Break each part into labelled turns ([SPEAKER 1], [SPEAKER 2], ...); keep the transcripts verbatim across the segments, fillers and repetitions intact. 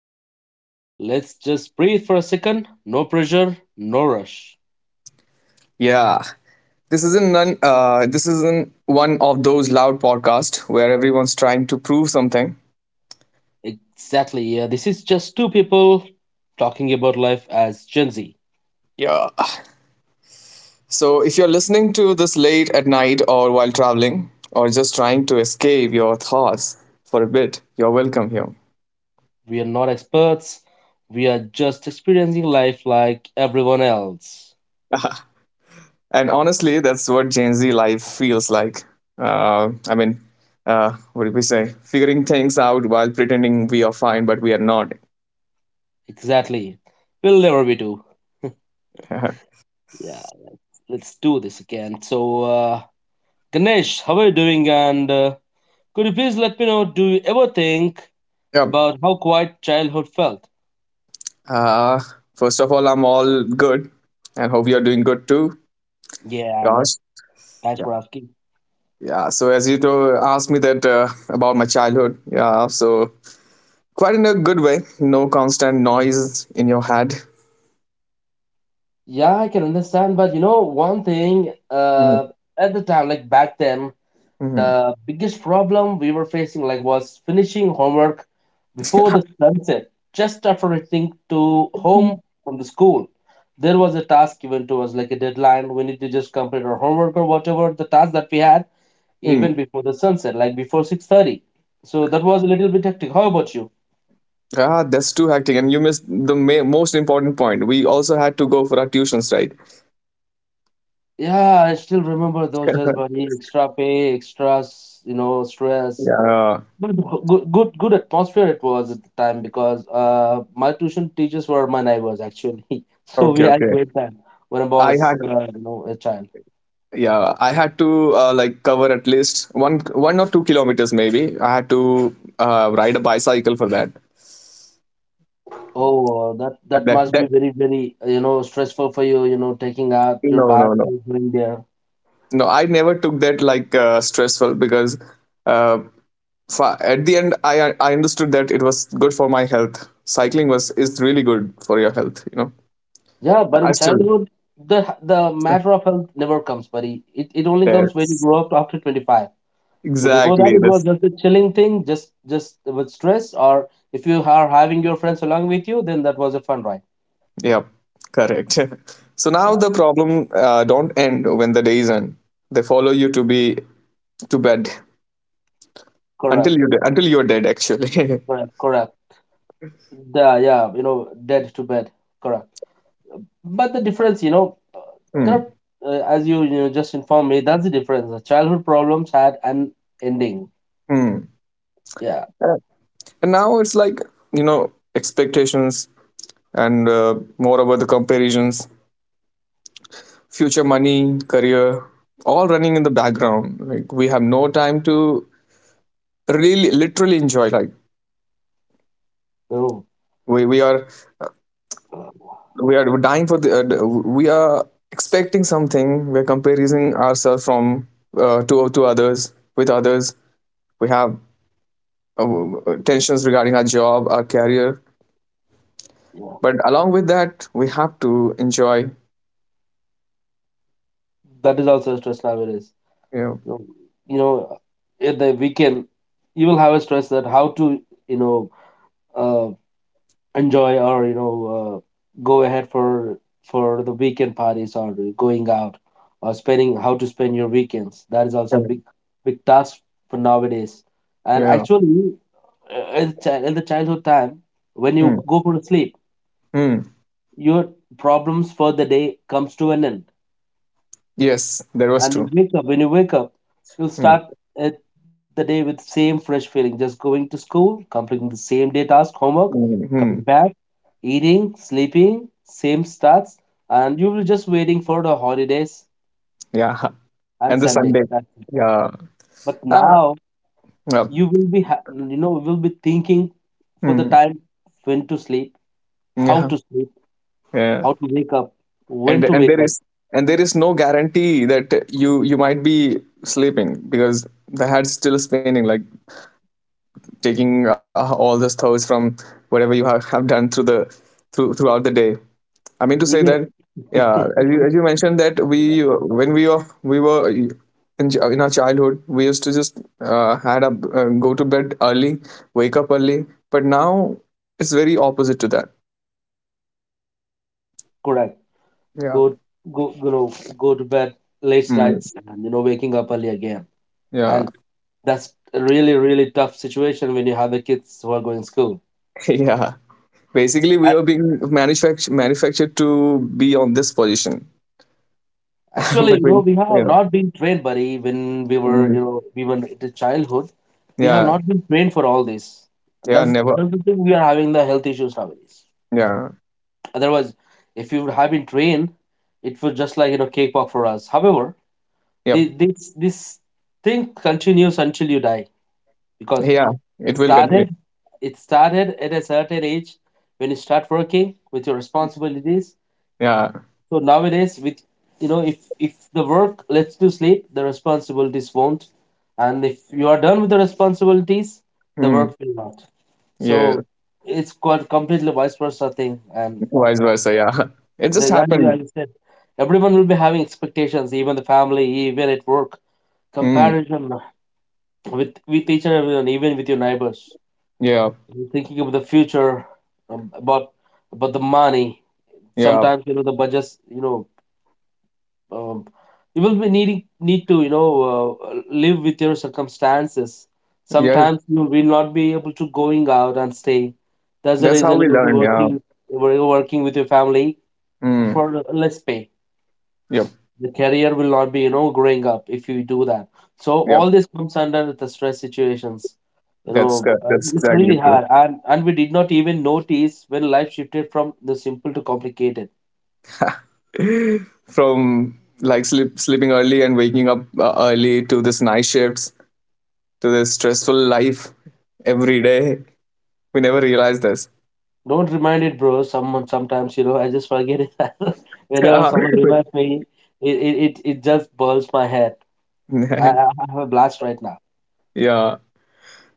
[SPEAKER 1] start, let's just breathe for a second. No pressure, no rush.
[SPEAKER 2] Yeah, this isn't none. Uh, this isn't one of those loud podcasts where everyone's trying to prove something.
[SPEAKER 1] Exactly, yeah. This is just two people talking about life as Gen Z.
[SPEAKER 2] Yeah. So if you're listening to this late at night or while traveling or just trying to escape your thoughts for a bit, you're welcome here.
[SPEAKER 1] We are not experts, we are just experiencing life like everyone else.
[SPEAKER 2] And honestly, that's what Gen Z life feels like. Uh, I mean, uh, what did we say? Figuring things out while pretending we are fine, but we are not.
[SPEAKER 1] Exactly. We'll never be too. Yeah, let's let's do this again. So, uh, Ganesh, how are you doing? And uh, could you please let me know, do you ever think
[SPEAKER 2] Yep.
[SPEAKER 1] about how quiet childhood felt?
[SPEAKER 2] Uh, First of all, I'm all good and hope you're doing good too.
[SPEAKER 1] Yeah, um,
[SPEAKER 2] Gosh.
[SPEAKER 1] thanks
[SPEAKER 2] Yeah.
[SPEAKER 1] for asking.
[SPEAKER 2] Yeah. So as you to asked me that uh, about my childhood. Yeah. So quite in a good way. No constant noise in your head.
[SPEAKER 1] Yeah, I can understand, but you know, one thing, uh, at the time, like back then,
[SPEAKER 2] Mm-hmm.
[SPEAKER 1] the biggest problem we were facing, like, was finishing homework before the sunset, just after returning to home from the school. There was a task given to us, like a deadline. We need to just complete our homework or whatever the task that we had, even before the sunset, like before six thirty. So that was a little bit hectic. How about you?
[SPEAKER 2] Ah, that's too hectic. And you missed the ma- most important point. We also had to go for our tuitions, right?
[SPEAKER 1] Yeah, I still remember those days, buddy. Extra pay, extras, you know, stress.
[SPEAKER 2] Yeah. Uh,
[SPEAKER 1] But good, good, good atmosphere it was at the time because uh, my tuition teachers were my neighbors actually, so we
[SPEAKER 2] okay.
[SPEAKER 1] had
[SPEAKER 2] Okay.
[SPEAKER 1] great time when I
[SPEAKER 2] I
[SPEAKER 1] was,
[SPEAKER 2] had
[SPEAKER 1] uh, you know, a child.
[SPEAKER 2] Yeah, I had to uh, like cover at least one one or two kilometers maybe. I had to uh, ride a bicycle for that.
[SPEAKER 1] Oh, that
[SPEAKER 2] And
[SPEAKER 1] that
[SPEAKER 2] that
[SPEAKER 1] must
[SPEAKER 2] that
[SPEAKER 1] be very, very, uh, you know, stressful for you. You know, taking out your
[SPEAKER 2] no
[SPEAKER 1] bath,
[SPEAKER 2] no no
[SPEAKER 1] going there.
[SPEAKER 2] no I never took that like uh, stressful, because uh, fa- at the end i i understood that it was good for my health. Cycling was is really good for your health you know
[SPEAKER 1] Yeah, but
[SPEAKER 2] I
[SPEAKER 1] in
[SPEAKER 2] still
[SPEAKER 1] childhood, the the matter of health never comes, buddy. It it only comes when you
[SPEAKER 2] that's
[SPEAKER 1] grow up after twenty-five. So before that,
[SPEAKER 2] exactly
[SPEAKER 1] it was
[SPEAKER 2] this
[SPEAKER 1] just a chilling thing, just just with stress, or if you are having your friends along with you, then that was a fun ride.
[SPEAKER 2] Yeah, correct. So now
[SPEAKER 1] Yeah,
[SPEAKER 2] the problem uh, don't end when the days end, they follow you to be to bed,
[SPEAKER 1] correct,
[SPEAKER 2] until you until you're dead, actually.
[SPEAKER 1] correct, correct. The yeah, you know, dead to bed, correct. But the difference, you know, uh,
[SPEAKER 2] Hmm.
[SPEAKER 1] correct, uh, as you you know just informed me, that's the difference. The childhood problems had an ending.
[SPEAKER 2] Hmm.
[SPEAKER 1] Yeah,
[SPEAKER 2] Uh, And now it's like you know expectations and uh, moreover the comparisons, future, money, career, all running in the background. Like, we have no time to really literally enjoy. Like,
[SPEAKER 1] oh,
[SPEAKER 2] we, we are we are dying for the, uh, we are expecting something. We're comparing ourselves from uh, to to others, with others. We have uh, tensions regarding our job, our career.
[SPEAKER 1] yeah,
[SPEAKER 2] But along with that, we have to enjoy.
[SPEAKER 1] that is also a stress nowadays.
[SPEAKER 2] You know,
[SPEAKER 1] you know, you know in the weekend you will have a stress that how to you know uh, enjoy or you know uh, go ahead for for the weekend parties or going out or spending, how to spend your weekends. That is also a
[SPEAKER 2] yeah.
[SPEAKER 1] big big task for nowadays. And
[SPEAKER 2] Yeah.
[SPEAKER 1] actually uh, in chi- in the childhood time, when you
[SPEAKER 2] Hmm.
[SPEAKER 1] go for sleep,
[SPEAKER 2] Hmm.
[SPEAKER 1] your problems for the day comes to an end.
[SPEAKER 2] Yes, that was
[SPEAKER 1] And you
[SPEAKER 2] true.
[SPEAKER 1] wake up, when you wake up you'll
[SPEAKER 2] Hmm.
[SPEAKER 1] start it, the day with same fresh feeling, just going to school, completing the same day task, homework,
[SPEAKER 2] Hmm.
[SPEAKER 1] coming
[SPEAKER 2] Hmm.
[SPEAKER 1] back, eating, sleeping, same starts. And you will just waiting for the holidays
[SPEAKER 2] Yeah.
[SPEAKER 1] and
[SPEAKER 2] And the
[SPEAKER 1] Sunday,
[SPEAKER 2] Sunday.
[SPEAKER 1] that's it.
[SPEAKER 2] Yeah.
[SPEAKER 1] But
[SPEAKER 2] Ah.
[SPEAKER 1] now
[SPEAKER 2] Yeah.
[SPEAKER 1] you will be ha- you know will be thinking for the
[SPEAKER 2] Mhm.
[SPEAKER 1] time, when to sleep, how
[SPEAKER 2] Yeah.
[SPEAKER 1] to sleep,
[SPEAKER 2] Yeah.
[SPEAKER 1] how to wake up,
[SPEAKER 2] And
[SPEAKER 1] when to
[SPEAKER 2] and
[SPEAKER 1] wake
[SPEAKER 2] there
[SPEAKER 1] up,
[SPEAKER 2] is, and there is no guarantee that you you might be sleeping, because the head's still spinning, like taking uh, all the thoughts from whatever you have, have done through the, through throughout the day. I mean to say
[SPEAKER 1] even.
[SPEAKER 2] that, yeah, as you, as you mentioned that we when we were we were in, ch- in our childhood, we used to just uh, had a, uh, go to bed early, wake up early, but now it's very opposite to that.
[SPEAKER 1] Correct.
[SPEAKER 2] Yeah.
[SPEAKER 1] Go go you know, go to bed late
[SPEAKER 2] Mm,
[SPEAKER 1] nights and you know waking up early again.
[SPEAKER 2] yeah.
[SPEAKER 1] And that's a really really tough situation when you have the kids who are going school.
[SPEAKER 2] Yeah. Basically, we
[SPEAKER 1] And
[SPEAKER 2] are being manufactured manufactured to be on this position.
[SPEAKER 1] actually,
[SPEAKER 2] But
[SPEAKER 1] you know,
[SPEAKER 2] we,
[SPEAKER 1] we have
[SPEAKER 2] yeah.
[SPEAKER 1] not been trained, buddy, when we were,
[SPEAKER 2] Mm.
[SPEAKER 1] you know, we were in the childhood. We have
[SPEAKER 2] Yeah.
[SPEAKER 1] not been trained for all this.
[SPEAKER 2] Yeah.
[SPEAKER 1] that's
[SPEAKER 2] Never.
[SPEAKER 1] that's the thing, we are having the health issues nowadays.
[SPEAKER 2] Yeah.
[SPEAKER 1] Otherwise, if you would have been trained, it was just like, you know, cake pop for us. However
[SPEAKER 2] Yep.
[SPEAKER 1] the, this this thing continues until you die, because
[SPEAKER 2] Yeah.
[SPEAKER 1] it
[SPEAKER 2] It will continue.
[SPEAKER 1] started. It started at a certain age when you start working with your responsibilities.
[SPEAKER 2] Yeah.
[SPEAKER 1] So nowadays, with you know, if if the work lets you sleep, the responsibilities won't, and if you are done with the responsibilities, the
[SPEAKER 2] Mm.
[SPEAKER 1] work will not.
[SPEAKER 2] Yeah.
[SPEAKER 1] So it's quite completely vice versa thing. And
[SPEAKER 2] Vice versa. Yeah. It just
[SPEAKER 1] the young,
[SPEAKER 2] happened.
[SPEAKER 1] like you said, everyone will be having expectations, even the family, even at work,
[SPEAKER 2] Mm.
[SPEAKER 1] comparison with with each other, even with your neighbors.
[SPEAKER 2] Yeah.
[SPEAKER 1] You're thinking of the future, um, about about the money.
[SPEAKER 2] Yeah.
[SPEAKER 1] Sometimes you know the budgets. You know, um, you will be needing need to you know uh, live with your circumstances.
[SPEAKER 2] Yeah.
[SPEAKER 1] Sometimes you will not be able to going out and stay. That's the
[SPEAKER 2] That's how
[SPEAKER 1] reason
[SPEAKER 2] we
[SPEAKER 1] you will be
[SPEAKER 2] learn. Yeah.
[SPEAKER 1] working you will be working with your family
[SPEAKER 2] Mm.
[SPEAKER 1] for less pay.
[SPEAKER 2] Yep.
[SPEAKER 1] The career will not be, you know, growing up if you do that. So
[SPEAKER 2] Yep.
[SPEAKER 1] all this comes under the stress situations, you
[SPEAKER 2] That's
[SPEAKER 1] know,
[SPEAKER 2] uh,
[SPEAKER 1] and
[SPEAKER 2] that's
[SPEAKER 1] it's
[SPEAKER 2] exactly
[SPEAKER 1] really hard. And and we did not even notice when life shifted from the simple to complicated.
[SPEAKER 2] true. From like sleep, sleeping early and waking up uh, early, to this night shifts, to this stressful life every day. We never realized this.
[SPEAKER 1] Don't remind it, bro, someone sometimes you know I just forget it. Whenever
[SPEAKER 2] Yeah,
[SPEAKER 1] someone reminds me, it it, it, it just burns my head. I, I have a blast right now.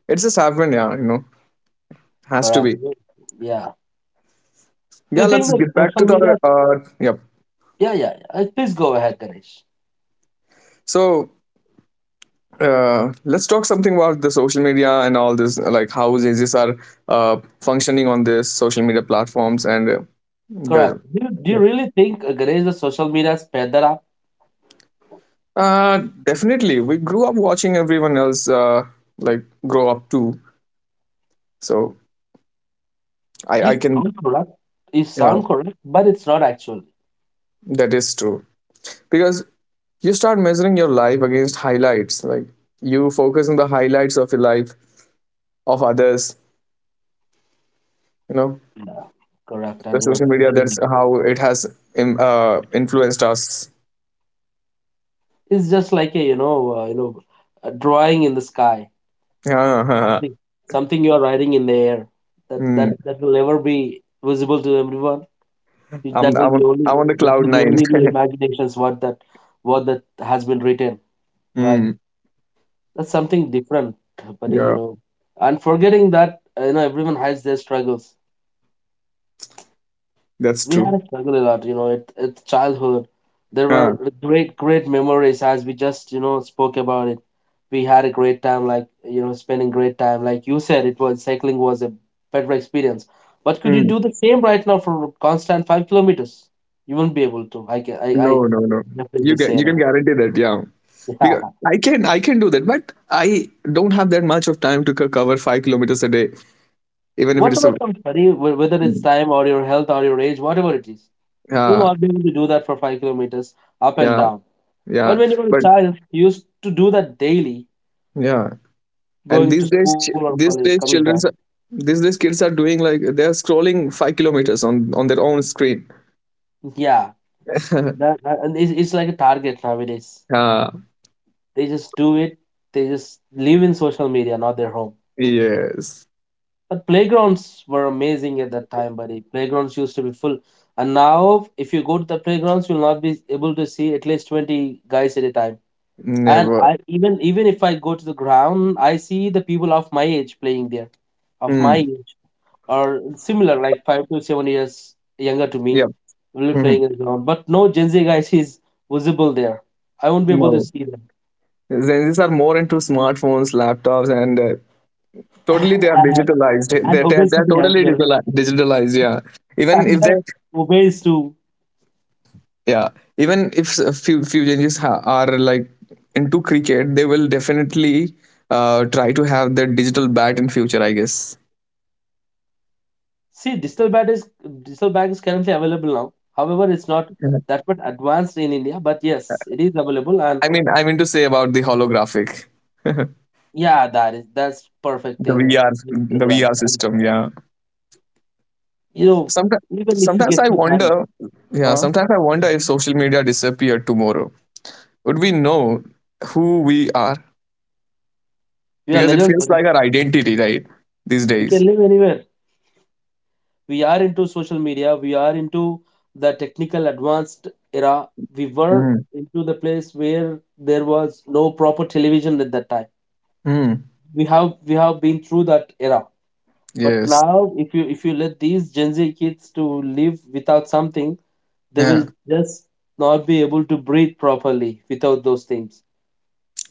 [SPEAKER 2] it just happened. Yeah, you know, has to
[SPEAKER 1] Correct,
[SPEAKER 2] be.
[SPEAKER 1] yeah. Do
[SPEAKER 2] Yeah,
[SPEAKER 1] you think
[SPEAKER 2] let's
[SPEAKER 1] that
[SPEAKER 2] get back to
[SPEAKER 1] social media,
[SPEAKER 2] the. Uh, yep.
[SPEAKER 1] yeah yeah yeah, Uh, please go ahead, Ganesh?
[SPEAKER 2] So uh, let's talk something about the social media and all this, like how J Js are uh, functioning on this social media platforms, and uh,
[SPEAKER 1] Correct.
[SPEAKER 2] the.
[SPEAKER 1] Do you, do you
[SPEAKER 2] Yep.
[SPEAKER 1] really think, uh, Ganesh, the social media sped that
[SPEAKER 2] Uh, definitely, we grew up watching everyone else uh, like grow up too. So I I can
[SPEAKER 1] sound correct? Is
[SPEAKER 2] yeah,
[SPEAKER 1] sound correct, but it's not actually.
[SPEAKER 2] that is true, because you start measuring your life against highlights, like, you focus on the highlights of your life of others you know
[SPEAKER 1] uh, Correct.
[SPEAKER 2] the
[SPEAKER 1] And you
[SPEAKER 2] social media, that's
[SPEAKER 1] know,
[SPEAKER 2] how it has im- uh, influenced us.
[SPEAKER 1] it's just like a you know, uh, you know a drawing in the sky,
[SPEAKER 2] Yeah.
[SPEAKER 1] something something you are writing in the air, that that
[SPEAKER 2] Mm.
[SPEAKER 1] that will never be visible to everyone.
[SPEAKER 2] I'm,
[SPEAKER 1] That will be
[SPEAKER 2] I'm,
[SPEAKER 1] only
[SPEAKER 2] I'm on the
[SPEAKER 1] that
[SPEAKER 2] cloud
[SPEAKER 1] will be
[SPEAKER 2] nine.
[SPEAKER 1] only in your imaginations, what that what that has been written. Right.
[SPEAKER 2] Mm.
[SPEAKER 1] That's something different, buddy. You
[SPEAKER 2] Yeah,
[SPEAKER 1] know, and forgetting that uh, you know, everyone has their struggles.
[SPEAKER 2] that's
[SPEAKER 1] We had
[SPEAKER 2] true.
[SPEAKER 1] a struggle a lot, you know, it, it's childhood. There
[SPEAKER 2] Yeah.
[SPEAKER 1] were great great memories, as we just you know spoke about it. We had a great time, like you know, spending great time, like you said, it was, cycling was a better experience. But could you
[SPEAKER 2] Mm.
[SPEAKER 1] do the same right now for constant five kilometers? You won't be able to. i can i,
[SPEAKER 2] No,
[SPEAKER 1] I
[SPEAKER 2] no, no, you
[SPEAKER 1] definitely say
[SPEAKER 2] get you can
[SPEAKER 1] that.
[SPEAKER 2] guarantee that, yeah.
[SPEAKER 1] Yeah.
[SPEAKER 2] Because i can i can do that, but I don't have that much of time to co- cover five kilometers a day, even if it
[SPEAKER 1] What
[SPEAKER 2] is a.
[SPEAKER 1] about some study, wh- whether it's
[SPEAKER 2] Mm.
[SPEAKER 1] time or your health or your age, whatever it is, you'll
[SPEAKER 2] Yeah.
[SPEAKER 1] not be able to do that for five kilometers, up and
[SPEAKER 2] Yeah.
[SPEAKER 1] down. But
[SPEAKER 2] Yeah,
[SPEAKER 1] when you were a
[SPEAKER 2] but
[SPEAKER 1] child, you used to do that daily,
[SPEAKER 2] yeah, and
[SPEAKER 1] going to
[SPEAKER 2] these days,
[SPEAKER 1] school or
[SPEAKER 2] chi-
[SPEAKER 1] college,
[SPEAKER 2] these
[SPEAKER 1] coming
[SPEAKER 2] days
[SPEAKER 1] back.
[SPEAKER 2] children are- these days kids are doing, like, they are scrolling five kilometers on on their own screen.
[SPEAKER 1] Yeah, that that- and it's, it's like a target nowadays.
[SPEAKER 2] Ah,
[SPEAKER 1] They just do it. They just live in social media, not their home.
[SPEAKER 2] yes.
[SPEAKER 1] But playgrounds were amazing at that time, buddy. Playgrounds used to be full, and now if you go to the playgrounds, you'll not be able to see at least twenty guys at a time. And
[SPEAKER 2] Never.
[SPEAKER 1] I even even if I go to the ground, I see the people of my age playing there, of
[SPEAKER 2] Mm.
[SPEAKER 1] my age. Or similar, like five to seven years younger to
[SPEAKER 2] Yep.
[SPEAKER 1] me, will be
[SPEAKER 2] Mhm.
[SPEAKER 1] playing it around. But no Gen Z guys is visible there. I won't be able to
[SPEAKER 2] No,
[SPEAKER 1] see them.
[SPEAKER 2] Gen Zs are more into smartphones, laptops, and uh, totally they are
[SPEAKER 1] and,
[SPEAKER 2] digitalized,
[SPEAKER 1] and
[SPEAKER 2] they're, they're, they're
[SPEAKER 1] obesity as
[SPEAKER 2] totally
[SPEAKER 1] well.
[SPEAKER 2] digitali- digitalized, yeah. even
[SPEAKER 1] And
[SPEAKER 2] if they
[SPEAKER 1] they're obese too.
[SPEAKER 2] Yeah, even if a few few changes ha- are, like, into cricket, they will definitely uh, try to have their digital bat in future, I guess.
[SPEAKER 1] See, digital bank is digital bank is currently available now. However, it's not that much advanced in India, but yes, it is available. And
[SPEAKER 2] I mean, I mean to say about the holographic, the
[SPEAKER 1] yeah, that is, that's perfect thing.
[SPEAKER 2] VR,
[SPEAKER 1] You said
[SPEAKER 2] the
[SPEAKER 1] right.
[SPEAKER 2] V R
[SPEAKER 1] And
[SPEAKER 2] system. Yeah.
[SPEAKER 1] you know,
[SPEAKER 2] Sometimes,
[SPEAKER 1] even if you
[SPEAKER 2] Sometimes
[SPEAKER 1] get
[SPEAKER 2] I
[SPEAKER 1] some time,
[SPEAKER 2] wonder. Yeah.
[SPEAKER 1] huh?
[SPEAKER 2] Sometimes I wonder,
[SPEAKER 1] Mhm.
[SPEAKER 2] if social media disappeared tomorrow, would we know who we are?
[SPEAKER 1] We are
[SPEAKER 2] Because it
[SPEAKER 1] legends,
[SPEAKER 2] feels
[SPEAKER 1] buddy.
[SPEAKER 2] like our identity, right? These
[SPEAKER 1] We can
[SPEAKER 2] days.
[SPEAKER 1] live anywhere. We are into social media, we are into the technical advanced era. We were
[SPEAKER 2] Mm.
[SPEAKER 1] into the place where there was no proper television at that time.
[SPEAKER 2] Mm.
[SPEAKER 1] We have we have been through that era. But
[SPEAKER 2] Yes.
[SPEAKER 1] now, if you, if you let these Gen Z kids to live without something, they will
[SPEAKER 2] Yeah.
[SPEAKER 1] just not be able to breathe properly without those things.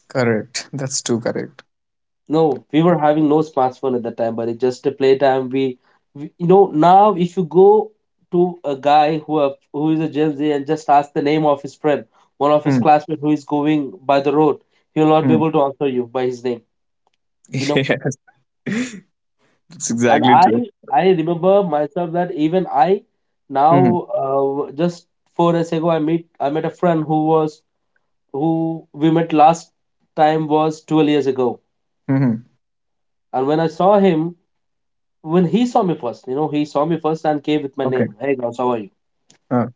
[SPEAKER 2] Correct. That's too correct.
[SPEAKER 1] No, we were having no smartphone at that time, but it just a playtime. We, we, you know, now if you go to a guy who have, who is a Gen Z, and just ask the name of his friend, one of his
[SPEAKER 2] Mm.
[SPEAKER 1] classmates who is going by the road, he will not be
[SPEAKER 2] Mm.
[SPEAKER 1] able to answer you by his name. You know,
[SPEAKER 2] Yes. That's
[SPEAKER 1] and
[SPEAKER 2] exactly true.
[SPEAKER 1] I I remember myself that even I
[SPEAKER 2] Mm.
[SPEAKER 1] now uh, just four days ago, I meet I met a friend, who was, who we met last time was twelve years ago,
[SPEAKER 2] Hmm.
[SPEAKER 1] and when I saw him, when he saw me first, you know, he saw me first and came with my
[SPEAKER 2] Okay.
[SPEAKER 1] name. Hey, Gauss, how are you?
[SPEAKER 2] Uh,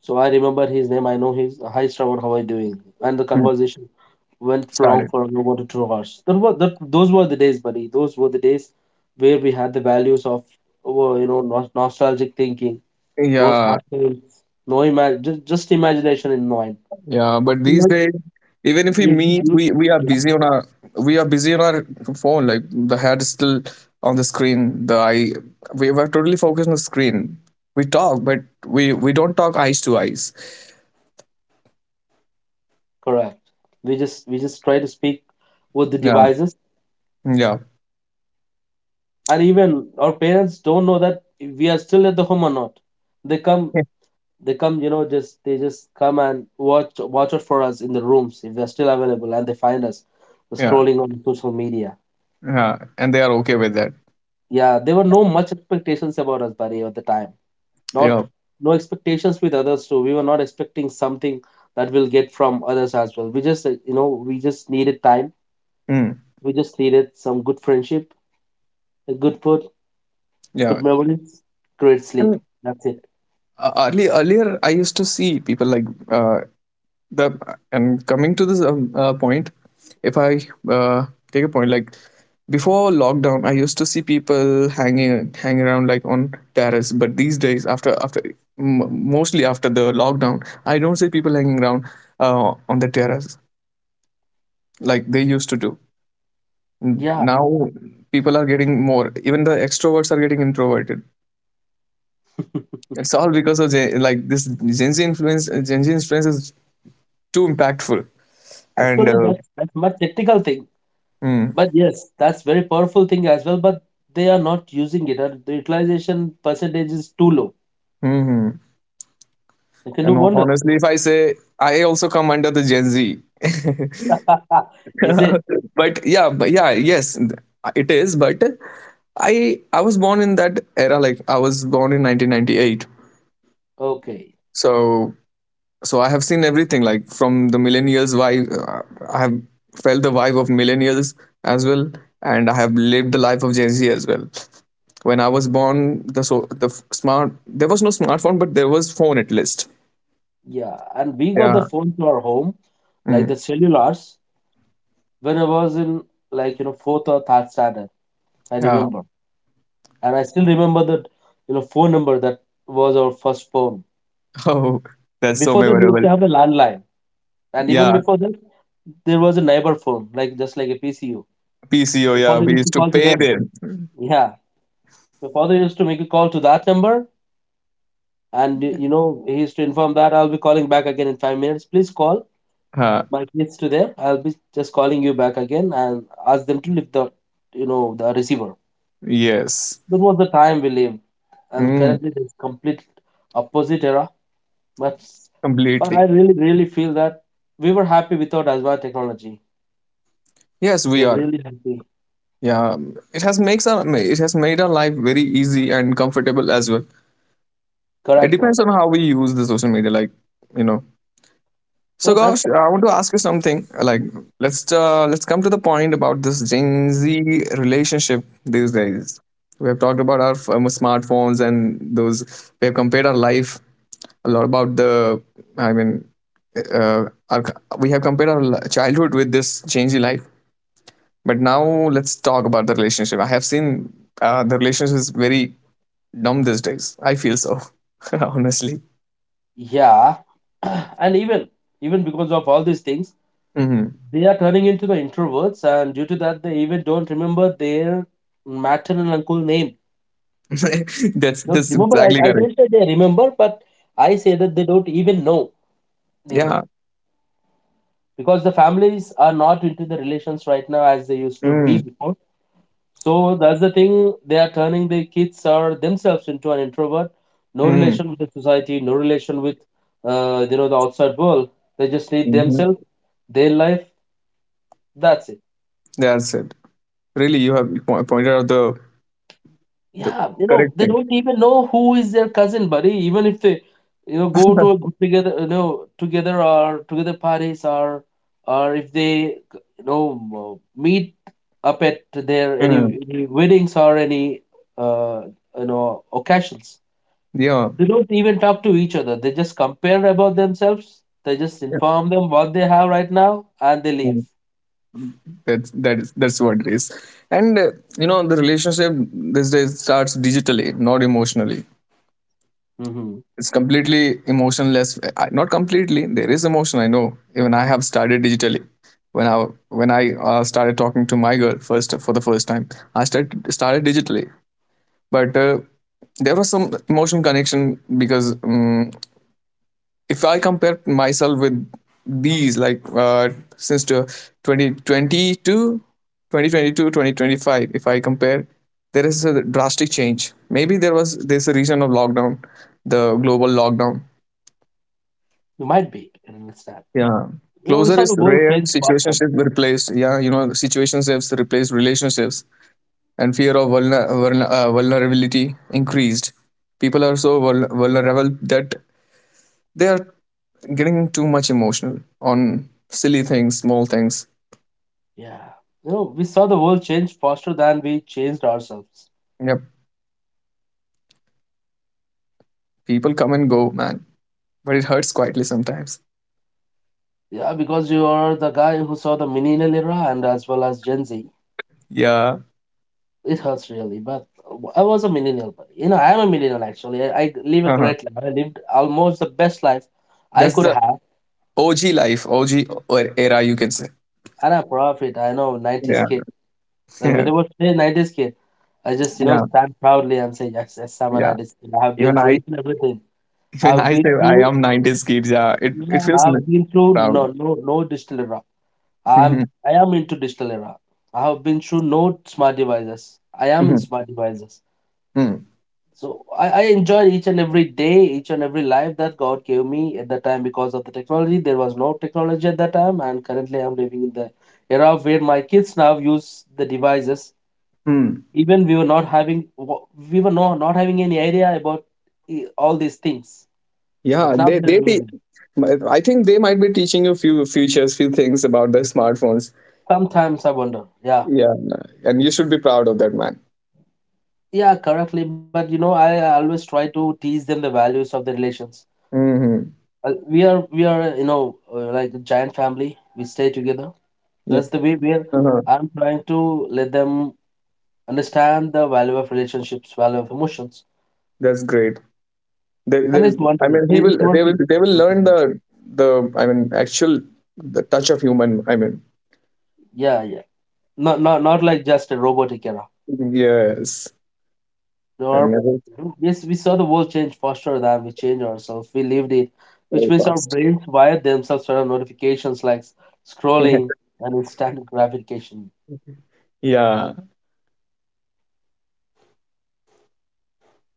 [SPEAKER 1] So I remember his name. I know his. Hi, Shravan, how are you doing? And the
[SPEAKER 2] mm.
[SPEAKER 1] conversation went for long
[SPEAKER 2] Started.
[SPEAKER 1] for about two hours. That was, that, those were the days, buddy. Those were the days where we had the values of, oh, you know, nos- nostalgic thinking, no
[SPEAKER 2] Yeah.
[SPEAKER 1] smartphones, no imag- just, just imagination in mind.
[SPEAKER 2] Yeah, but these
[SPEAKER 1] Whatever
[SPEAKER 2] days, even if we
[SPEAKER 1] we
[SPEAKER 2] meet,
[SPEAKER 1] did,
[SPEAKER 2] we we are
[SPEAKER 1] yeah,
[SPEAKER 2] busy on our we are busy on our phone. Like, the head is still on the screen. The eye We were totally focused on the screen. We talk, but we we don't talk eyes to eyes.
[SPEAKER 1] correct. We just we just try to speak with the
[SPEAKER 2] Yeah,
[SPEAKER 1] devices.
[SPEAKER 2] yeah.
[SPEAKER 1] And even our parents don't know that we are still at the home or not. they come they come you know, just they just come and watch watch out for us in the rooms if they're still available, and they find us
[SPEAKER 2] Yeah,
[SPEAKER 1] scrolling on social media.
[SPEAKER 2] yeah. And they are okay with that.
[SPEAKER 1] Yeah, there were no much expectations about us, buddy, at the time. Not
[SPEAKER 2] Yeah,
[SPEAKER 1] no expectations with others too. We were not expecting something that we'll get from others as well. We just uh, you know, we just needed time.
[SPEAKER 2] mm,
[SPEAKER 1] We just needed some good friendship, a good food, good
[SPEAKER 2] yeah.
[SPEAKER 1] memories, great sleep.
[SPEAKER 2] And
[SPEAKER 1] That's it.
[SPEAKER 2] uh, early, earlier, I used to see people like, uh, the and coming to this, um, uh, point. If i uh, take a point, like, before lockdown I used to see people hanging hanging around, like, on terrace, but these days, after after m- mostly after the lockdown, I don't see people hanging around uh, on the terrace like they used to do. N-
[SPEAKER 1] Yeah.
[SPEAKER 2] now people are getting more, even the extroverts are getting introverted. It's all because of, gen- like this gen z influence gen z influence is too impactful. And
[SPEAKER 1] Actually,
[SPEAKER 2] uh,
[SPEAKER 1] that's that's much technical thing,
[SPEAKER 2] mm,
[SPEAKER 1] but yes, that's very powerful thing as well. But they are not using it, and the utilization percentage is too low.
[SPEAKER 2] hmm hmm.
[SPEAKER 1] They can do
[SPEAKER 2] And ho-
[SPEAKER 1] wonders.
[SPEAKER 2] honestly, if I say, I also come under the Gen Z.
[SPEAKER 1] Is it
[SPEAKER 2] but yeah, but yeah, yes, it is. But I I was born in that era. Like, I was born in nineteen ninety-eight.
[SPEAKER 1] okay?
[SPEAKER 2] So so I have seen everything. Like, from the millennials, vibe. uh, I have felt the vibe of millennials as well, and I have lived the life of Gen Z as well. When I was born, the so the f- smart there was no smartphone, but there was phone at least.
[SPEAKER 1] Yeah, and we got the
[SPEAKER 2] Yeah.
[SPEAKER 1] phone to our home, like the
[SPEAKER 2] Mm.
[SPEAKER 1] cellulars, when I was in, like, you know, fourth or third standard. I
[SPEAKER 2] Yeah.
[SPEAKER 1] remember, and I still remember that, you know, phone number that was our first phone.
[SPEAKER 2] Oh, that's so
[SPEAKER 1] Before that, we used
[SPEAKER 2] memorable.
[SPEAKER 1] to have a landline, and even
[SPEAKER 2] Yeah,
[SPEAKER 1] before that, there was a neighbor phone, like just like a P C U.
[SPEAKER 2] P C O. Yeah,
[SPEAKER 1] Father
[SPEAKER 2] we
[SPEAKER 1] used to
[SPEAKER 2] used to
[SPEAKER 1] call to
[SPEAKER 2] pay
[SPEAKER 1] them.
[SPEAKER 2] them.
[SPEAKER 1] Yeah. The father used to make a call to that number. And, y- you know, he used to inform that I'll be calling back again in five minutes. Please call
[SPEAKER 2] Uh,
[SPEAKER 1] my kids to there. I'll be just calling you back again and ask them to lift the, you know, the receiver.
[SPEAKER 2] yes,
[SPEAKER 1] That was the time we lived. And
[SPEAKER 2] mm,
[SPEAKER 1] currently it's complete opposite era. But, but I
[SPEAKER 2] completely.
[SPEAKER 1] really, really feel that we were happy without advanced technology.
[SPEAKER 2] Yes,
[SPEAKER 1] We
[SPEAKER 2] we
[SPEAKER 1] are
[SPEAKER 2] are.
[SPEAKER 1] really happy.
[SPEAKER 2] Yeah, it has makes our it has made our life very easy and comfortable as well. It
[SPEAKER 1] Correct, buddy.
[SPEAKER 2] depends on how we use the social media, like you know. So,
[SPEAKER 1] No, that's
[SPEAKER 2] gosh, I want to ask you something. Like,
[SPEAKER 1] the,
[SPEAKER 2] let's, uh, let's come to the point about this Gen Z relationship these days. We have talked about our um, smartphones and those. We have compared our life a lot about the. I mean uh, our, we have compared our childhood with this changing life. But now, let's talk about the relationship. I have seen, uh, the relationship is very dumb these days, I feel so. Honestly,
[SPEAKER 1] yeah. And even even because of all these things,
[SPEAKER 2] hmm.
[SPEAKER 1] they are turning into the introverts, and due to that, they even don't remember their maternal uncle name.
[SPEAKER 2] that's
[SPEAKER 1] Don't
[SPEAKER 2] that's
[SPEAKER 1] remember. I,
[SPEAKER 2] exactly
[SPEAKER 1] I
[SPEAKER 2] correct.
[SPEAKER 1] don't say they remember, but I say that they don't even know their
[SPEAKER 2] Yeah.
[SPEAKER 1] name, because the families are not into the relations right now as they used to be
[SPEAKER 2] Mm,
[SPEAKER 1] before. So that's the thing. They are turning their kids or themselves into an introvert. No
[SPEAKER 2] mm,
[SPEAKER 1] relation with the society. No relation with uh, you know, the outside world. They just need
[SPEAKER 2] hmm.
[SPEAKER 1] themselves, their life. That's it.
[SPEAKER 2] That's it. Really, you have po- pointed out the the
[SPEAKER 1] Yeah, you know,
[SPEAKER 2] correct
[SPEAKER 1] they
[SPEAKER 2] thing.
[SPEAKER 1] don't even know who is their cousin, buddy. Even if they, you know, go to a group together, you know, together or together parties, or or if they, you know, m- meet up at their any,
[SPEAKER 2] Mm.
[SPEAKER 1] any weddings or any, uh, you know, occasions.
[SPEAKER 2] Yeah.
[SPEAKER 1] They don't even talk to each other. They just compare about themselves. They just
[SPEAKER 2] Yeah.
[SPEAKER 1] inform them what they have right now, and they
[SPEAKER 2] Mm-hmm.
[SPEAKER 1] leave.
[SPEAKER 2] that's that is that's what it is. And uh, you know the relationship these days starts digitally, not emotionally.
[SPEAKER 1] Mm-hmm.
[SPEAKER 2] It's completely emotionless. I- not completely, there is emotion, I know. Even I have started digitally. When i when i uh, started talking to my girl first for the first time, I started started digitally. But uh, there was some emotional connection. Because um, if I compare myself with these, like, uh, since to twenty twenty two, twenty twenty two, twenty twenty five, if I compare, there is a drastic change. Maybe there was there's a reason of lockdown, the global lockdown.
[SPEAKER 1] You might be, I understand.
[SPEAKER 2] Yeah.
[SPEAKER 1] You know, we
[SPEAKER 2] Closure
[SPEAKER 1] saw
[SPEAKER 2] is
[SPEAKER 1] the world
[SPEAKER 2] rare,
[SPEAKER 1] change faster.
[SPEAKER 2] situationships replaced. Yeah, you know, situationships replaced relationships, and fear of vulner- vulner- uh, vulnerability increased. People are so vul- vulnerable that they are getting too much emotional on silly things, small things.
[SPEAKER 1] Yeah. You know, we saw the world change faster than we changed ourselves.
[SPEAKER 2] Yep, people come and go, man, but it hurts quietly sometimes.
[SPEAKER 1] Yeah, because you are the guy who saw the millennial era and as well as Gen Z.
[SPEAKER 2] Yeah,
[SPEAKER 1] It hurts really, but I was a millennial. But, you know, I am a millennial actually. I, I live a
[SPEAKER 2] uh-huh.
[SPEAKER 1] great life. I lived almost the best life I
[SPEAKER 2] That's
[SPEAKER 1] could
[SPEAKER 2] the
[SPEAKER 1] have,
[SPEAKER 2] O G life, O G or era, you can say.
[SPEAKER 1] and I'm proud of it. I know nineties
[SPEAKER 2] Yeah.
[SPEAKER 1] kid. And
[SPEAKER 2] Yeah,
[SPEAKER 1] whenever I say nineties kid, I just, you know,
[SPEAKER 2] yeah,
[SPEAKER 1] stand proudly and say, yes, yes, I'm a
[SPEAKER 2] yeah.
[SPEAKER 1] nineties kid. I have been
[SPEAKER 2] Even
[SPEAKER 1] through
[SPEAKER 2] I,
[SPEAKER 1] each and everything.
[SPEAKER 2] even
[SPEAKER 1] I've
[SPEAKER 2] I say,
[SPEAKER 1] been
[SPEAKER 2] I
[SPEAKER 1] through,
[SPEAKER 2] am nineties kids. Yeah, it it
[SPEAKER 1] yeah,
[SPEAKER 2] feels
[SPEAKER 1] I've
[SPEAKER 2] n-
[SPEAKER 1] been through
[SPEAKER 2] proud.
[SPEAKER 1] no, no, no digital era. I'm
[SPEAKER 2] Hmm.
[SPEAKER 1] I am into digital era. I have been through no smart devices. I am in
[SPEAKER 2] Hmm.
[SPEAKER 1] smart devices.
[SPEAKER 2] Hmm.
[SPEAKER 1] So I, I enjoyed each and every day, each and every life that God gave me at that time because of the technology. There was no technology at that time, and currently I'm living in the era where my kids now use the devices.
[SPEAKER 2] Hmm.
[SPEAKER 1] Even we were not having wa- we were not, not having any idea about eh, all these things.
[SPEAKER 2] Yeah,
[SPEAKER 1] But now
[SPEAKER 2] they
[SPEAKER 1] they're
[SPEAKER 2] they te-
[SPEAKER 1] using it.
[SPEAKER 2] I think they might be teaching you few futures, few things about the smartphones.
[SPEAKER 1] Sometimes I wonder. Yeah.
[SPEAKER 2] Yeah, and you should be proud of that, man.
[SPEAKER 1] Yeah, correctly. But you know, I always try to teach them the values of the relations.
[SPEAKER 2] Mm-hmm.
[SPEAKER 1] Uh, we are we are you know, uh, like a giant family. We stay together.
[SPEAKER 2] Yeah.
[SPEAKER 1] That's the way where
[SPEAKER 2] Uh-huh.
[SPEAKER 1] I'm trying to let them understand the value of relationships, value of emotions,
[SPEAKER 2] That's great. They,
[SPEAKER 1] and
[SPEAKER 2] they,
[SPEAKER 1] it's
[SPEAKER 2] I
[SPEAKER 1] working.
[SPEAKER 2] mean, he
[SPEAKER 1] It-
[SPEAKER 2] will.
[SPEAKER 1] It's
[SPEAKER 2] They will.
[SPEAKER 1] working.
[SPEAKER 2] They will learn the, the. I mean, actual, the touch of human. I mean,
[SPEAKER 1] Yeah, yeah. Not not not like just a robotic era.
[SPEAKER 2] yes,
[SPEAKER 1] There
[SPEAKER 2] and
[SPEAKER 1] are,
[SPEAKER 2] never
[SPEAKER 1] yes, we saw the world change faster than we changed ourselves. We lived it,
[SPEAKER 2] so
[SPEAKER 1] which means
[SPEAKER 2] fast.
[SPEAKER 1] our brains wired themselves around notifications, like scrolling and instant gratification.
[SPEAKER 2] Yeah,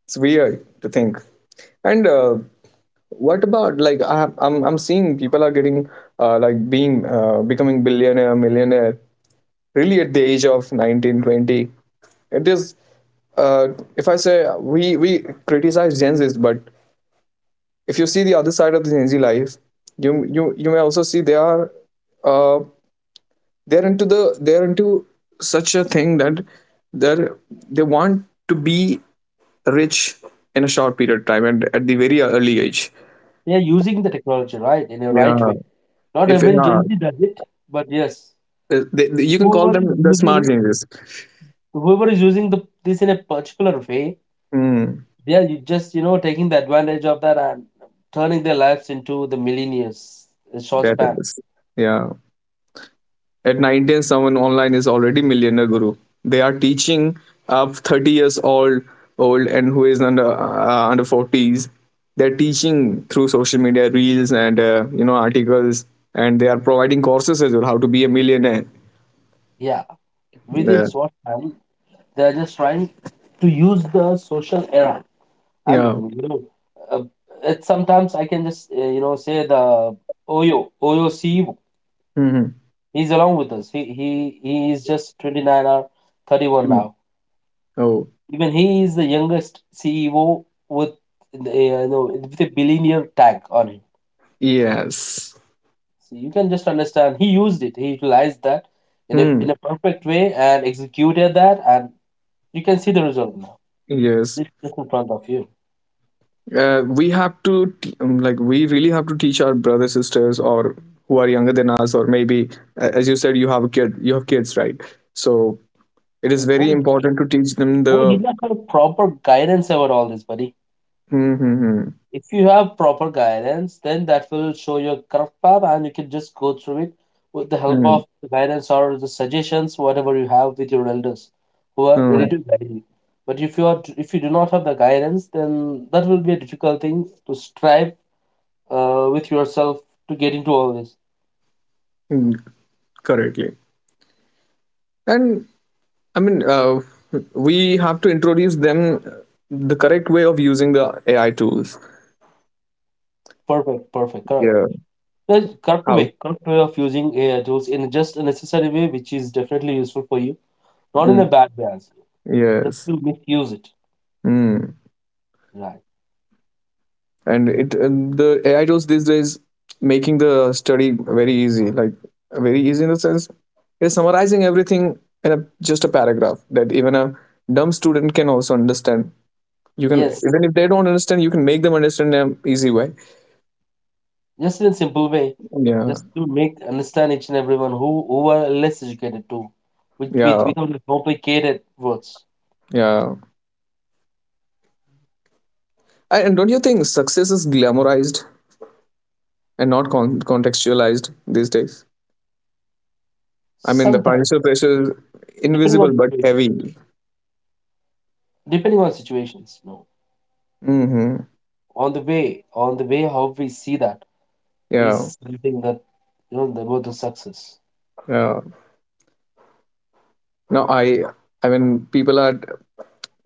[SPEAKER 2] it's weird to think. And uh, what about, like, I, I'm I'm seeing people are getting uh, like being uh, becoming billionaire, millionaire, really at the age of nineteen twenty. It is, uh, if I say we we criticize Gen Zs. But if you see the other side of the Gen Z life, you you you may also see they are, uh, they're into the they're into such a thing that they they want to be rich in a short period of time and at the very early age.
[SPEAKER 1] They are using the technology right in a right
[SPEAKER 2] Yeah,
[SPEAKER 1] way. Not
[SPEAKER 2] if
[SPEAKER 1] everyone
[SPEAKER 2] yeah,
[SPEAKER 1] Gen Z does it, but yes,
[SPEAKER 2] they, they- you can call
[SPEAKER 1] whoever
[SPEAKER 2] them
[SPEAKER 1] is
[SPEAKER 2] the smart
[SPEAKER 1] using
[SPEAKER 2] geniuses.
[SPEAKER 1] whoever is using the this in a particular way,
[SPEAKER 2] Hmm,
[SPEAKER 1] they are, you just, you know, taking the advantage of that and turning their lives into the millennials in short
[SPEAKER 2] that
[SPEAKER 1] span.
[SPEAKER 2] is, yeah. At nineteen, someone online is already millionaire guru. They are teaching a thirty years old old and who is under, uh, under forties. They're teaching through social media reels and, uh, you know articles, and they are providing courses as well, how to be a millionaire.
[SPEAKER 1] Yeah, within
[SPEAKER 2] Uh,
[SPEAKER 1] short time, they are just trying to use the social era and
[SPEAKER 2] yeah.
[SPEAKER 1] becoming, you know. Uh, it's sometimes I can just uh, you know, say the Oyo Oyo C E O.
[SPEAKER 2] Hmm.
[SPEAKER 1] He's along with us. He he he is just twenty nine or thirty one now.
[SPEAKER 2] Oh,
[SPEAKER 1] Even he is the youngest C E O with the, uh, you know, with a billionaire tag on him.
[SPEAKER 2] yes.
[SPEAKER 1] So you can just understand he used it. He utilized that in a
[SPEAKER 2] Hmm.
[SPEAKER 1] in a perfect way and executed that, and you can see the result now.
[SPEAKER 2] Yes.
[SPEAKER 1] This is in front of you.
[SPEAKER 2] uh, we have to t- um, like we really have to teach our brothers, sisters, or who are younger than us, or maybe, uh, as you said, you have a kid you have kids, right? So it is very
[SPEAKER 1] Right.
[SPEAKER 2] important to teach them
[SPEAKER 1] Who
[SPEAKER 2] the
[SPEAKER 1] did not have proper guidance over all this, buddy?
[SPEAKER 2] hmm, hmm, hmm,
[SPEAKER 1] If you have proper guidance, then that will show you a correct path, and you can just go through it with the help
[SPEAKER 2] hmm,
[SPEAKER 1] of the guidance or the suggestions, whatever you have with your elders who are ready
[SPEAKER 2] hmm,
[SPEAKER 1] to guide you. But if you are if you do not have the guidance, then that will be a difficult thing to strive uh, with yourself to get into all this.
[SPEAKER 2] hmm, correctly. And I mean, uh, we have to introduce them, uh, the correct way of using the A I tools.
[SPEAKER 1] Perfect, perfect, correct.
[SPEAKER 2] Yeah.
[SPEAKER 1] The correct
[SPEAKER 2] How?
[SPEAKER 1] way, correct way of using A I tools in just a necessary way, which is definitely useful for you, not in a
[SPEAKER 2] Mm,
[SPEAKER 1] bad way, as well. Just
[SPEAKER 2] yes.
[SPEAKER 1] to misuse it.
[SPEAKER 2] Mm.
[SPEAKER 1] Right.
[SPEAKER 2] and it and the A I tools these days making the study very easy, like very easy, in the sense is summarizing everything in a just a paragraph, that even a dumb student can also understand. You can
[SPEAKER 1] Yes.
[SPEAKER 2] Even if they don't understand, you can make them understand in an easy way.
[SPEAKER 1] Just in a simple way,
[SPEAKER 2] Yeah,
[SPEAKER 1] just to make understand each and everyone who who are less educated too, with with
[SPEAKER 2] yeah,
[SPEAKER 1] without the complicated words.
[SPEAKER 2] yeah. And and don't you think success is glamorized and not con- contextualized these days? I mean, the financial
[SPEAKER 1] Sometimes,
[SPEAKER 2] pressure is
[SPEAKER 1] depending
[SPEAKER 2] invisible
[SPEAKER 1] on
[SPEAKER 2] but
[SPEAKER 1] situation,
[SPEAKER 2] heavy.
[SPEAKER 1] depending on situations, you know,
[SPEAKER 2] Mm-hmm.
[SPEAKER 1] on the way, on the way how we see that
[SPEAKER 2] Yeah,
[SPEAKER 1] is something that, you know, the about the success.
[SPEAKER 2] yeah. No, i i mean, people are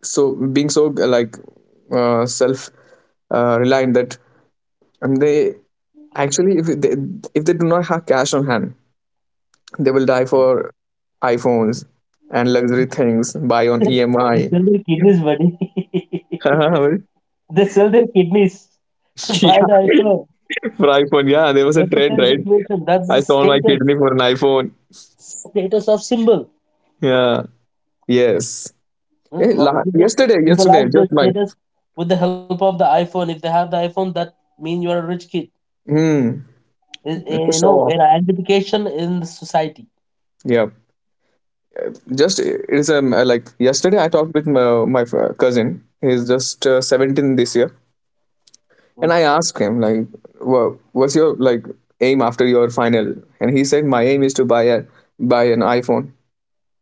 [SPEAKER 2] so being so, like, uh, self, uh, reliant, that... and they actually, if they if they do not have cash on hand, they will die for iphones and luxury things buy on
[SPEAKER 1] They
[SPEAKER 2] E M I.
[SPEAKER 1] sell their kidneys, buddy. They sell their kidneys to
[SPEAKER 2] Yeah,
[SPEAKER 1] buy the iPhone.
[SPEAKER 2] for iphone, yeah, there was a
[SPEAKER 1] That's the
[SPEAKER 2] trend,
[SPEAKER 1] kind of
[SPEAKER 2] right?
[SPEAKER 1] situation. That's
[SPEAKER 2] I
[SPEAKER 1] the
[SPEAKER 2] sold my
[SPEAKER 1] status
[SPEAKER 2] kidney for an iphone.
[SPEAKER 1] status of symbol.
[SPEAKER 2] Yeah. Yes.
[SPEAKER 1] Hmm.
[SPEAKER 2] Eh,
[SPEAKER 1] How
[SPEAKER 2] la-
[SPEAKER 1] did they just
[SPEAKER 2] yesterday yesterday
[SPEAKER 1] symbolize their
[SPEAKER 2] just my...
[SPEAKER 1] status with the help of the iPhone? If they have the iPhone, that means you are a rich kid.
[SPEAKER 2] hmm,
[SPEAKER 1] Is I-
[SPEAKER 2] for
[SPEAKER 1] You know,
[SPEAKER 2] sure.
[SPEAKER 1] an identification in the society.
[SPEAKER 2] Yeah. Just it's um uh, like yesterday I talked with my, my f- cousin. He's just, uh, seventeen this year. And
[SPEAKER 1] Hmm.
[SPEAKER 2] I asked him, like, well, what's your, like, aim after your final? And he said, my aim is to buy a buy an iphone.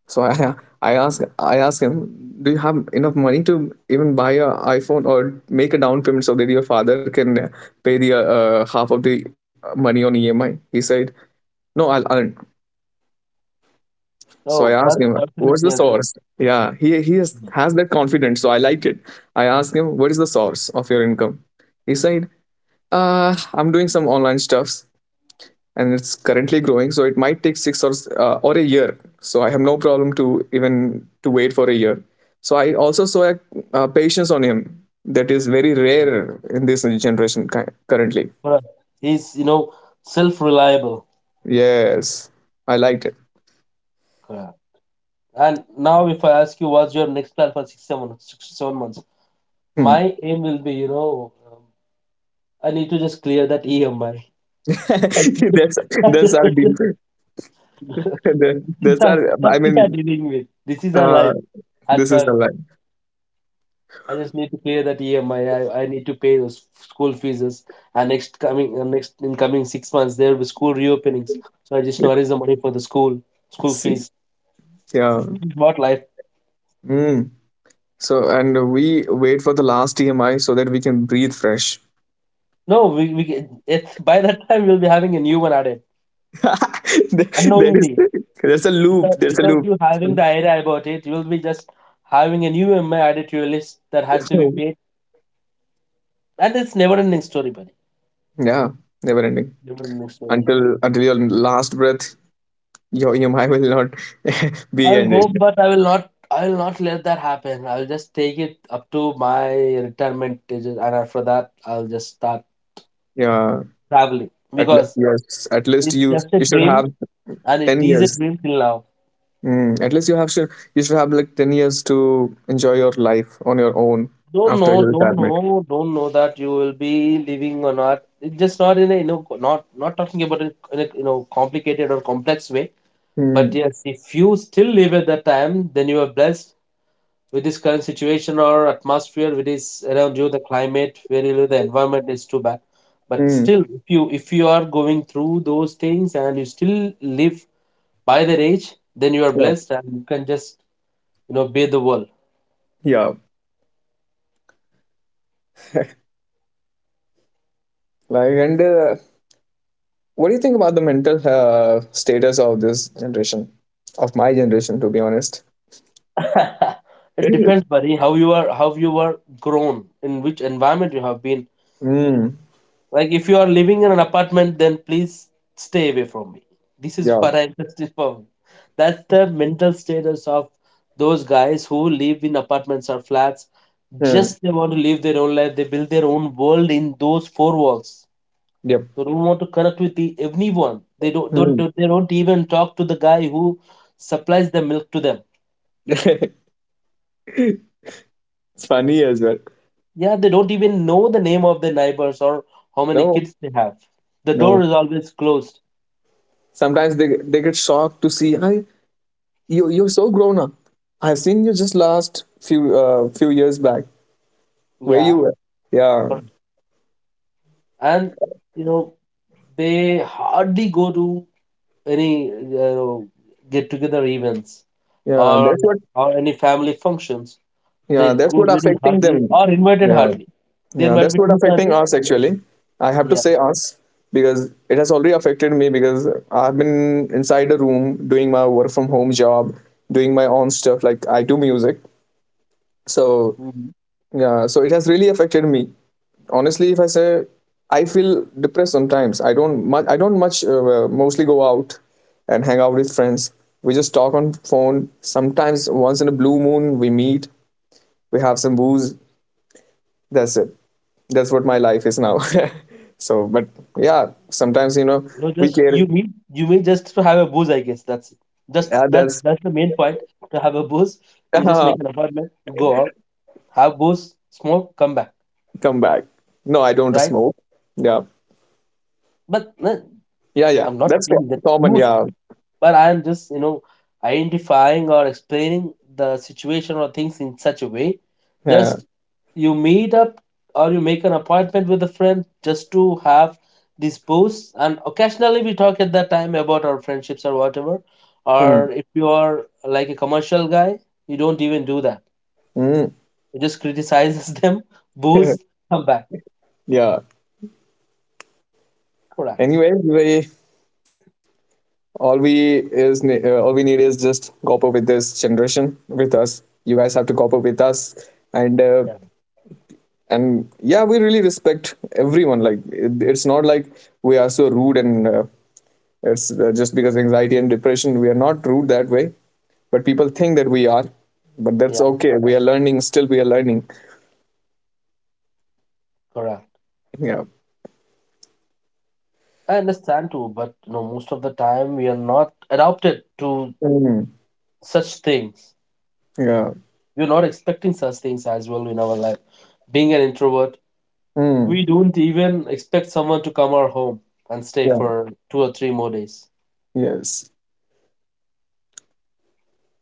[SPEAKER 2] So i i asked i asked him, do you have enough money to even buy a iphone, or make a down payment so that your father can, uh, pay the, uh, half of the money on E M I? He said, no, I'll earn. So I
[SPEAKER 1] So
[SPEAKER 2] asked
[SPEAKER 1] that's
[SPEAKER 2] him,
[SPEAKER 1] personal,
[SPEAKER 2] "What's the
[SPEAKER 1] yes.
[SPEAKER 2] source?" Yeah, he he has, has that confidence, so I liked it. I asked him, "What is the source of your income?" He said, "Uh, I'm doing some online stuffs, and it's currently growing, so it might take six or uh, or a year. So I have no problem to even to wait for a year." So I also saw, a, uh patience on him, that is very rare in this generation ki- currently.
[SPEAKER 1] For us, he's, you know, self-reliable.
[SPEAKER 2] Yes, I liked it.
[SPEAKER 1] Correct. And now, if I ask you, what's your next plan for six, seven, six, seven months?
[SPEAKER 2] Hmm.
[SPEAKER 1] My aim will be, you know, um, I need to just clear that E M I.
[SPEAKER 2] that's that's our
[SPEAKER 1] that's,
[SPEAKER 2] deep. That's
[SPEAKER 1] that's
[SPEAKER 2] our.
[SPEAKER 1] what
[SPEAKER 2] I
[SPEAKER 1] we are
[SPEAKER 2] mean,
[SPEAKER 1] dealing with. This is our
[SPEAKER 2] Uh,
[SPEAKER 1] life. At
[SPEAKER 2] this is a
[SPEAKER 1] turn.
[SPEAKER 2] lie.
[SPEAKER 1] I just need to clear that E M I. I, I, I need to pay those school fees. And next coming, uh, next in coming six months, there will be school reopenings. So I just know raise the money for the school, school
[SPEAKER 2] See.
[SPEAKER 1] fees.
[SPEAKER 2] Yeah.
[SPEAKER 1] This is what life.
[SPEAKER 2] Mm. So, and we wait for the last T M I so that we can breathe fresh.
[SPEAKER 1] No, we, we can- it, by that time we'll be having a new one added
[SPEAKER 2] That is,
[SPEAKER 1] unknowingly.
[SPEAKER 2] there's a loop.
[SPEAKER 1] Without,
[SPEAKER 2] There's a
[SPEAKER 1] without
[SPEAKER 2] loop.
[SPEAKER 1] you having the idea about it, you will be just having a new E M I added to your list that has to be paid. And it's never ending story, buddy.
[SPEAKER 2] Yeah, never ending.
[SPEAKER 1] Never ending story.
[SPEAKER 2] Until until your last breath, your E M I will not
[SPEAKER 1] I
[SPEAKER 2] be ended.
[SPEAKER 1] hope, but I will not. I will not let that happen. I will just take it up to my retirement age, and after that, I'll just start
[SPEAKER 2] Yeah.
[SPEAKER 1] traveling,
[SPEAKER 2] At le-
[SPEAKER 1] because
[SPEAKER 2] yes. At least
[SPEAKER 1] it's
[SPEAKER 2] you
[SPEAKER 1] just a
[SPEAKER 2] you should
[SPEAKER 1] dream,
[SPEAKER 2] have
[SPEAKER 1] and it
[SPEAKER 2] ten
[SPEAKER 1] is a
[SPEAKER 2] years.
[SPEAKER 1] dream till now.
[SPEAKER 2] Mm. At least you have should you should have like ten years to enjoy your life on your own
[SPEAKER 1] Don't
[SPEAKER 2] after
[SPEAKER 1] know,
[SPEAKER 2] your
[SPEAKER 1] don't
[SPEAKER 2] retirement.
[SPEAKER 1] know, don't know that you will be living or not. It's just not in a, you know, co- not not talking about it in a, you know, complicated or complex way. But
[SPEAKER 2] Hmm.
[SPEAKER 1] yes, if you still live at that time, then you are blessed. With this current situation or atmosphere which is around you, the climate where you live, the environment is too bad, but
[SPEAKER 2] Mm,
[SPEAKER 1] still if you if you are going through those things and you still live by that age, then you are
[SPEAKER 2] yeah,
[SPEAKER 1] blessed, and you can just, you know, bathe the world.
[SPEAKER 2] yeah. Like, and, uh, what do you think about the mental, uh, status of this generation, of my generation, to be honest?
[SPEAKER 1] It depends, buddy, how you are, how you were grown, in which environment you have been.
[SPEAKER 2] Mm,
[SPEAKER 1] Like if you are living in an apartment, then please stay away from me. This is
[SPEAKER 2] yeah.
[SPEAKER 1] what I just informed. That's the mental status of those guys who live in apartments or flats.
[SPEAKER 2] Mm,
[SPEAKER 1] Just they want to live their own life. They build their own world in those four walls.
[SPEAKER 2] yep.
[SPEAKER 1] They don't want to connect with the, anyone. They don't, don't
[SPEAKER 2] Mm.
[SPEAKER 1] don't- they don't even talk to the guy who supplies the milk to them.
[SPEAKER 2] It's funny as well.
[SPEAKER 1] Yeah, they don't even know the name of their neighbors or how many
[SPEAKER 2] No,
[SPEAKER 1] kids they have. The door
[SPEAKER 2] no.
[SPEAKER 1] is always closed.
[SPEAKER 2] Sometimes they they get shocked to see, I you you're so grown up. I've seen you just last few uh, few years back. Where you
[SPEAKER 1] Yeah,
[SPEAKER 2] were? Yeah,
[SPEAKER 1] and you know they hardly go to any, you know, get together events
[SPEAKER 2] yeah.
[SPEAKER 1] or
[SPEAKER 2] That's what.
[SPEAKER 1] or any family functions.
[SPEAKER 2] Yeah,
[SPEAKER 1] They
[SPEAKER 2] that's
[SPEAKER 1] go
[SPEAKER 2] what
[SPEAKER 1] very
[SPEAKER 2] affecting
[SPEAKER 1] hardly
[SPEAKER 2] them.
[SPEAKER 1] or invited
[SPEAKER 2] Yeah.
[SPEAKER 1] hardly. There
[SPEAKER 2] Yeah,
[SPEAKER 1] might
[SPEAKER 2] that's
[SPEAKER 1] be
[SPEAKER 2] what
[SPEAKER 1] two
[SPEAKER 2] affecting
[SPEAKER 1] chances.
[SPEAKER 2] us actually. I have to
[SPEAKER 1] Yeah.
[SPEAKER 2] say us, because it has already affected me. Because I've been inside a room doing my work from home job, doing my own stuff. Like, I do music, so
[SPEAKER 1] Mhm.
[SPEAKER 2] yeah, so it has really affected me. Honestly, if I say, I feel depressed sometimes. I don't much. I don't much uh, Mostly go out and hang out with friends. We just talk on phone. Sometimes, once in a blue moon, we meet. We have some booze. That's it. That's what my life is now. So, but yeah, sometimes, you know
[SPEAKER 1] No,
[SPEAKER 2] we
[SPEAKER 1] just
[SPEAKER 2] care.
[SPEAKER 1] you meet you may just to have a booze, I guess. That's it. Just
[SPEAKER 2] Yeah,
[SPEAKER 1] that
[SPEAKER 2] that's...
[SPEAKER 1] That's the main point. To have a booze, you just make an appointment, go out, have booze, smoke, come back.
[SPEAKER 2] come back. No, I
[SPEAKER 1] Right?
[SPEAKER 2] don't smoke. Yeah,
[SPEAKER 1] But no,
[SPEAKER 2] yeah,
[SPEAKER 1] I'm
[SPEAKER 2] yeah,
[SPEAKER 1] not
[SPEAKER 2] that's co-
[SPEAKER 1] saying that
[SPEAKER 2] common.
[SPEAKER 1] you
[SPEAKER 2] Yeah,
[SPEAKER 1] but I'm just you know identifying or explaining the situation or things in such a way,
[SPEAKER 2] yeah.
[SPEAKER 1] just you meet up or you make an appointment with a friend just to have these posts, and occasionally we talk at that time about our friendships or whatever, or
[SPEAKER 2] Mm.
[SPEAKER 1] if you are like a commercial guy, you don't even do that.
[SPEAKER 2] Mm.
[SPEAKER 1] You just criticizes them, boost, come back.
[SPEAKER 2] Yeah,
[SPEAKER 1] Correct.
[SPEAKER 2] anyway, we all we is ne- uh, all we need is just cope up with this generation. With us, you guys have to cope up with us. And, uh,
[SPEAKER 1] Yeah,
[SPEAKER 2] and yeah, we really respect everyone. Like, it, it's not like we are so rude, and, uh, it's, uh, just because anxiety and depression, we are not rude that way, but people think that we are. But that's
[SPEAKER 1] yeah,
[SPEAKER 2] okay. We are learning. Still, we are learning.
[SPEAKER 1] correct.
[SPEAKER 2] Yeah.
[SPEAKER 1] I understand too, but you know most of the time we are not adapted to
[SPEAKER 2] Mm.
[SPEAKER 1] such things.
[SPEAKER 2] Yeah.
[SPEAKER 1] We're not expecting such things as well in our life. Being an introvert, we
[SPEAKER 2] Mm.
[SPEAKER 1] don't even expect someone to come our home and stay
[SPEAKER 2] Yeah.
[SPEAKER 1] for two or three more days.
[SPEAKER 2] Yes.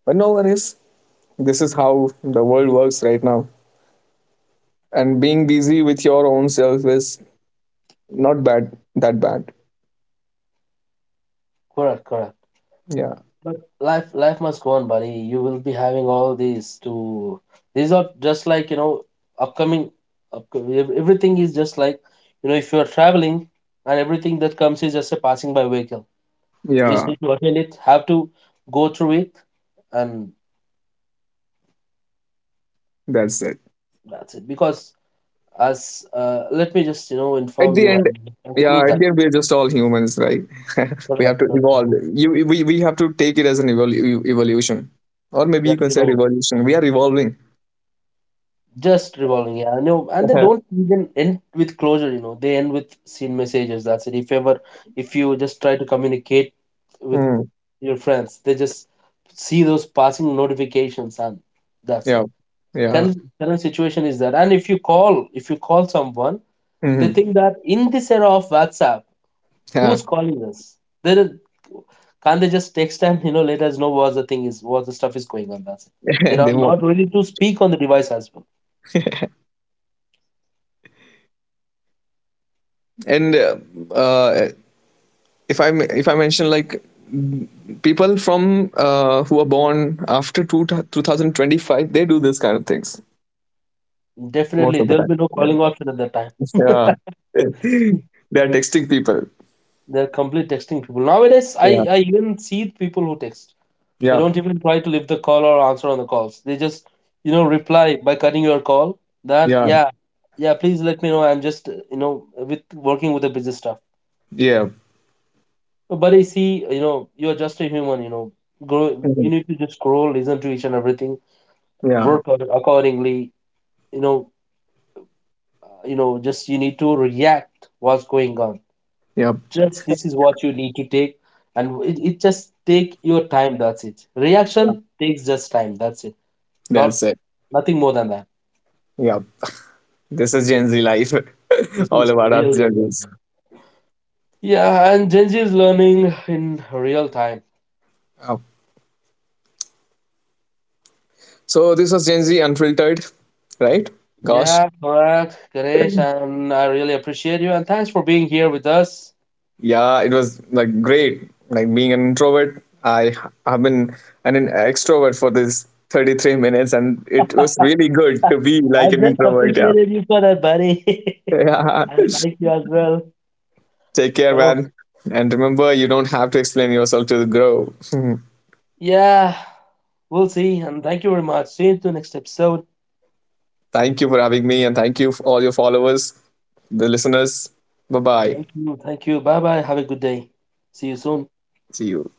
[SPEAKER 2] But no worries. This is how the world works right now. And being busy with your own self is not bad. That bad.
[SPEAKER 1] Correct, correct.
[SPEAKER 2] Yeah.
[SPEAKER 1] But life, life must go on, buddy. You will be having all these to. These are just like you know, upcoming. Upco- ev Everything is just like, you know, if you are traveling, and everything that comes is just a passing by vehicle. You just
[SPEAKER 2] Yeah.
[SPEAKER 1] need to attend it, have to go through it, and
[SPEAKER 2] That's it.
[SPEAKER 1] that's it. Because as uh, let me just you know
[SPEAKER 2] At
[SPEAKER 1] inform
[SPEAKER 2] the
[SPEAKER 1] you
[SPEAKER 2] end,
[SPEAKER 1] and
[SPEAKER 2] yeah,
[SPEAKER 1] conclude
[SPEAKER 2] at
[SPEAKER 1] that.
[SPEAKER 2] the end, we're just all humans, right?
[SPEAKER 1] so
[SPEAKER 2] We have to
[SPEAKER 1] that, uh,
[SPEAKER 2] evolve. You we, we have to take it as an evol- e- evolution, or maybe
[SPEAKER 1] Yeah,
[SPEAKER 2] you can
[SPEAKER 1] you
[SPEAKER 2] say
[SPEAKER 1] know,
[SPEAKER 2] revolution. We are evolving.
[SPEAKER 1] just revolving. Yeah, I know, and they
[SPEAKER 2] Yeah.
[SPEAKER 1] don't even end with closure. You know, they end with scene messages. That's it. If ever, if you just try to communicate with
[SPEAKER 2] Hmm.
[SPEAKER 1] your friends, they just see those passing notifications, and that's it.
[SPEAKER 2] Yeah, yeah.
[SPEAKER 1] Current current situation is that, and if you call, if you call someone, they
[SPEAKER 2] Hmm.
[SPEAKER 1] think that in this era of WhatsApp,
[SPEAKER 2] Yeah.
[SPEAKER 1] who's calling us? There is, can't they just text and you know let us know what the thing is, what the stuff is going on? That's it. They are
[SPEAKER 2] They won't.
[SPEAKER 1] not ready to speak on the device as well.
[SPEAKER 2] And, uh, uh, if i m- if I mention, like, m- people from, uh, who are born after two, twenty twenty-five, they do this kind of things most
[SPEAKER 1] Definitely,
[SPEAKER 2] of the
[SPEAKER 1] there'll
[SPEAKER 2] time.
[SPEAKER 1] be no
[SPEAKER 2] Yeah,
[SPEAKER 1] calling option at that time.
[SPEAKER 2] yeah. They are texting people.
[SPEAKER 1] They're complete texting people nowadays. I
[SPEAKER 2] Yeah,
[SPEAKER 1] I even see people who text. They
[SPEAKER 2] yeah,
[SPEAKER 1] don't even try to leave the call or answer on the calls. They just you know reply by cutting your call. That,
[SPEAKER 2] yeah.
[SPEAKER 1] yeah, yeah, please let me know. I'm just uh, you know with working with the business stuff.
[SPEAKER 2] Yeah.
[SPEAKER 1] But I see, you know, you're just a human, you know. Grow, you
[SPEAKER 2] Mhm.
[SPEAKER 1] need to just grow, listen to each and everything,
[SPEAKER 2] Yeah.
[SPEAKER 1] work on- accordingly, you know, uh, you know, just you need to react what's going on.
[SPEAKER 2] Yep.
[SPEAKER 1] Just this is what you need to take, and it, it just take your time. That's it.
[SPEAKER 2] Yep.
[SPEAKER 1] Reaction takes just time. That's it. Not
[SPEAKER 2] That's it.
[SPEAKER 1] nothing more than that.
[SPEAKER 2] Yep. This is Gen Z life.
[SPEAKER 1] This
[SPEAKER 2] All
[SPEAKER 1] is
[SPEAKER 2] about us
[SPEAKER 1] really,
[SPEAKER 2] Gen Zs.
[SPEAKER 1] yeah, and Gen Z is learning in real time.
[SPEAKER 2] Yeah. So this was Gen Z Unfiltered, right? Gosh.
[SPEAKER 1] Yeah, correct, Ganesh, and I really appreciate you, and thanks for being here with us.
[SPEAKER 2] Yeah, it was like great. Like, being an introvert, I have been an an extrovert for this thirty-three minutes, and it was really good to be
[SPEAKER 1] I
[SPEAKER 2] like an
[SPEAKER 1] just
[SPEAKER 2] introvert. Yeah.
[SPEAKER 1] appreciated you for that, buddy.
[SPEAKER 2] Yeah.
[SPEAKER 1] I thank you as well.
[SPEAKER 2] Take care,
[SPEAKER 1] So,
[SPEAKER 2] man. And remember, you don't have to explain yourself to the grow.
[SPEAKER 1] yeah, we'll see. And thank you very much. See you to next episode.
[SPEAKER 2] Thank you for having me, and thank you for all your followers, the listeners. Bye bye.
[SPEAKER 1] Thank you. Thank you. Bye bye. Have a good day. See you soon.
[SPEAKER 2] See you.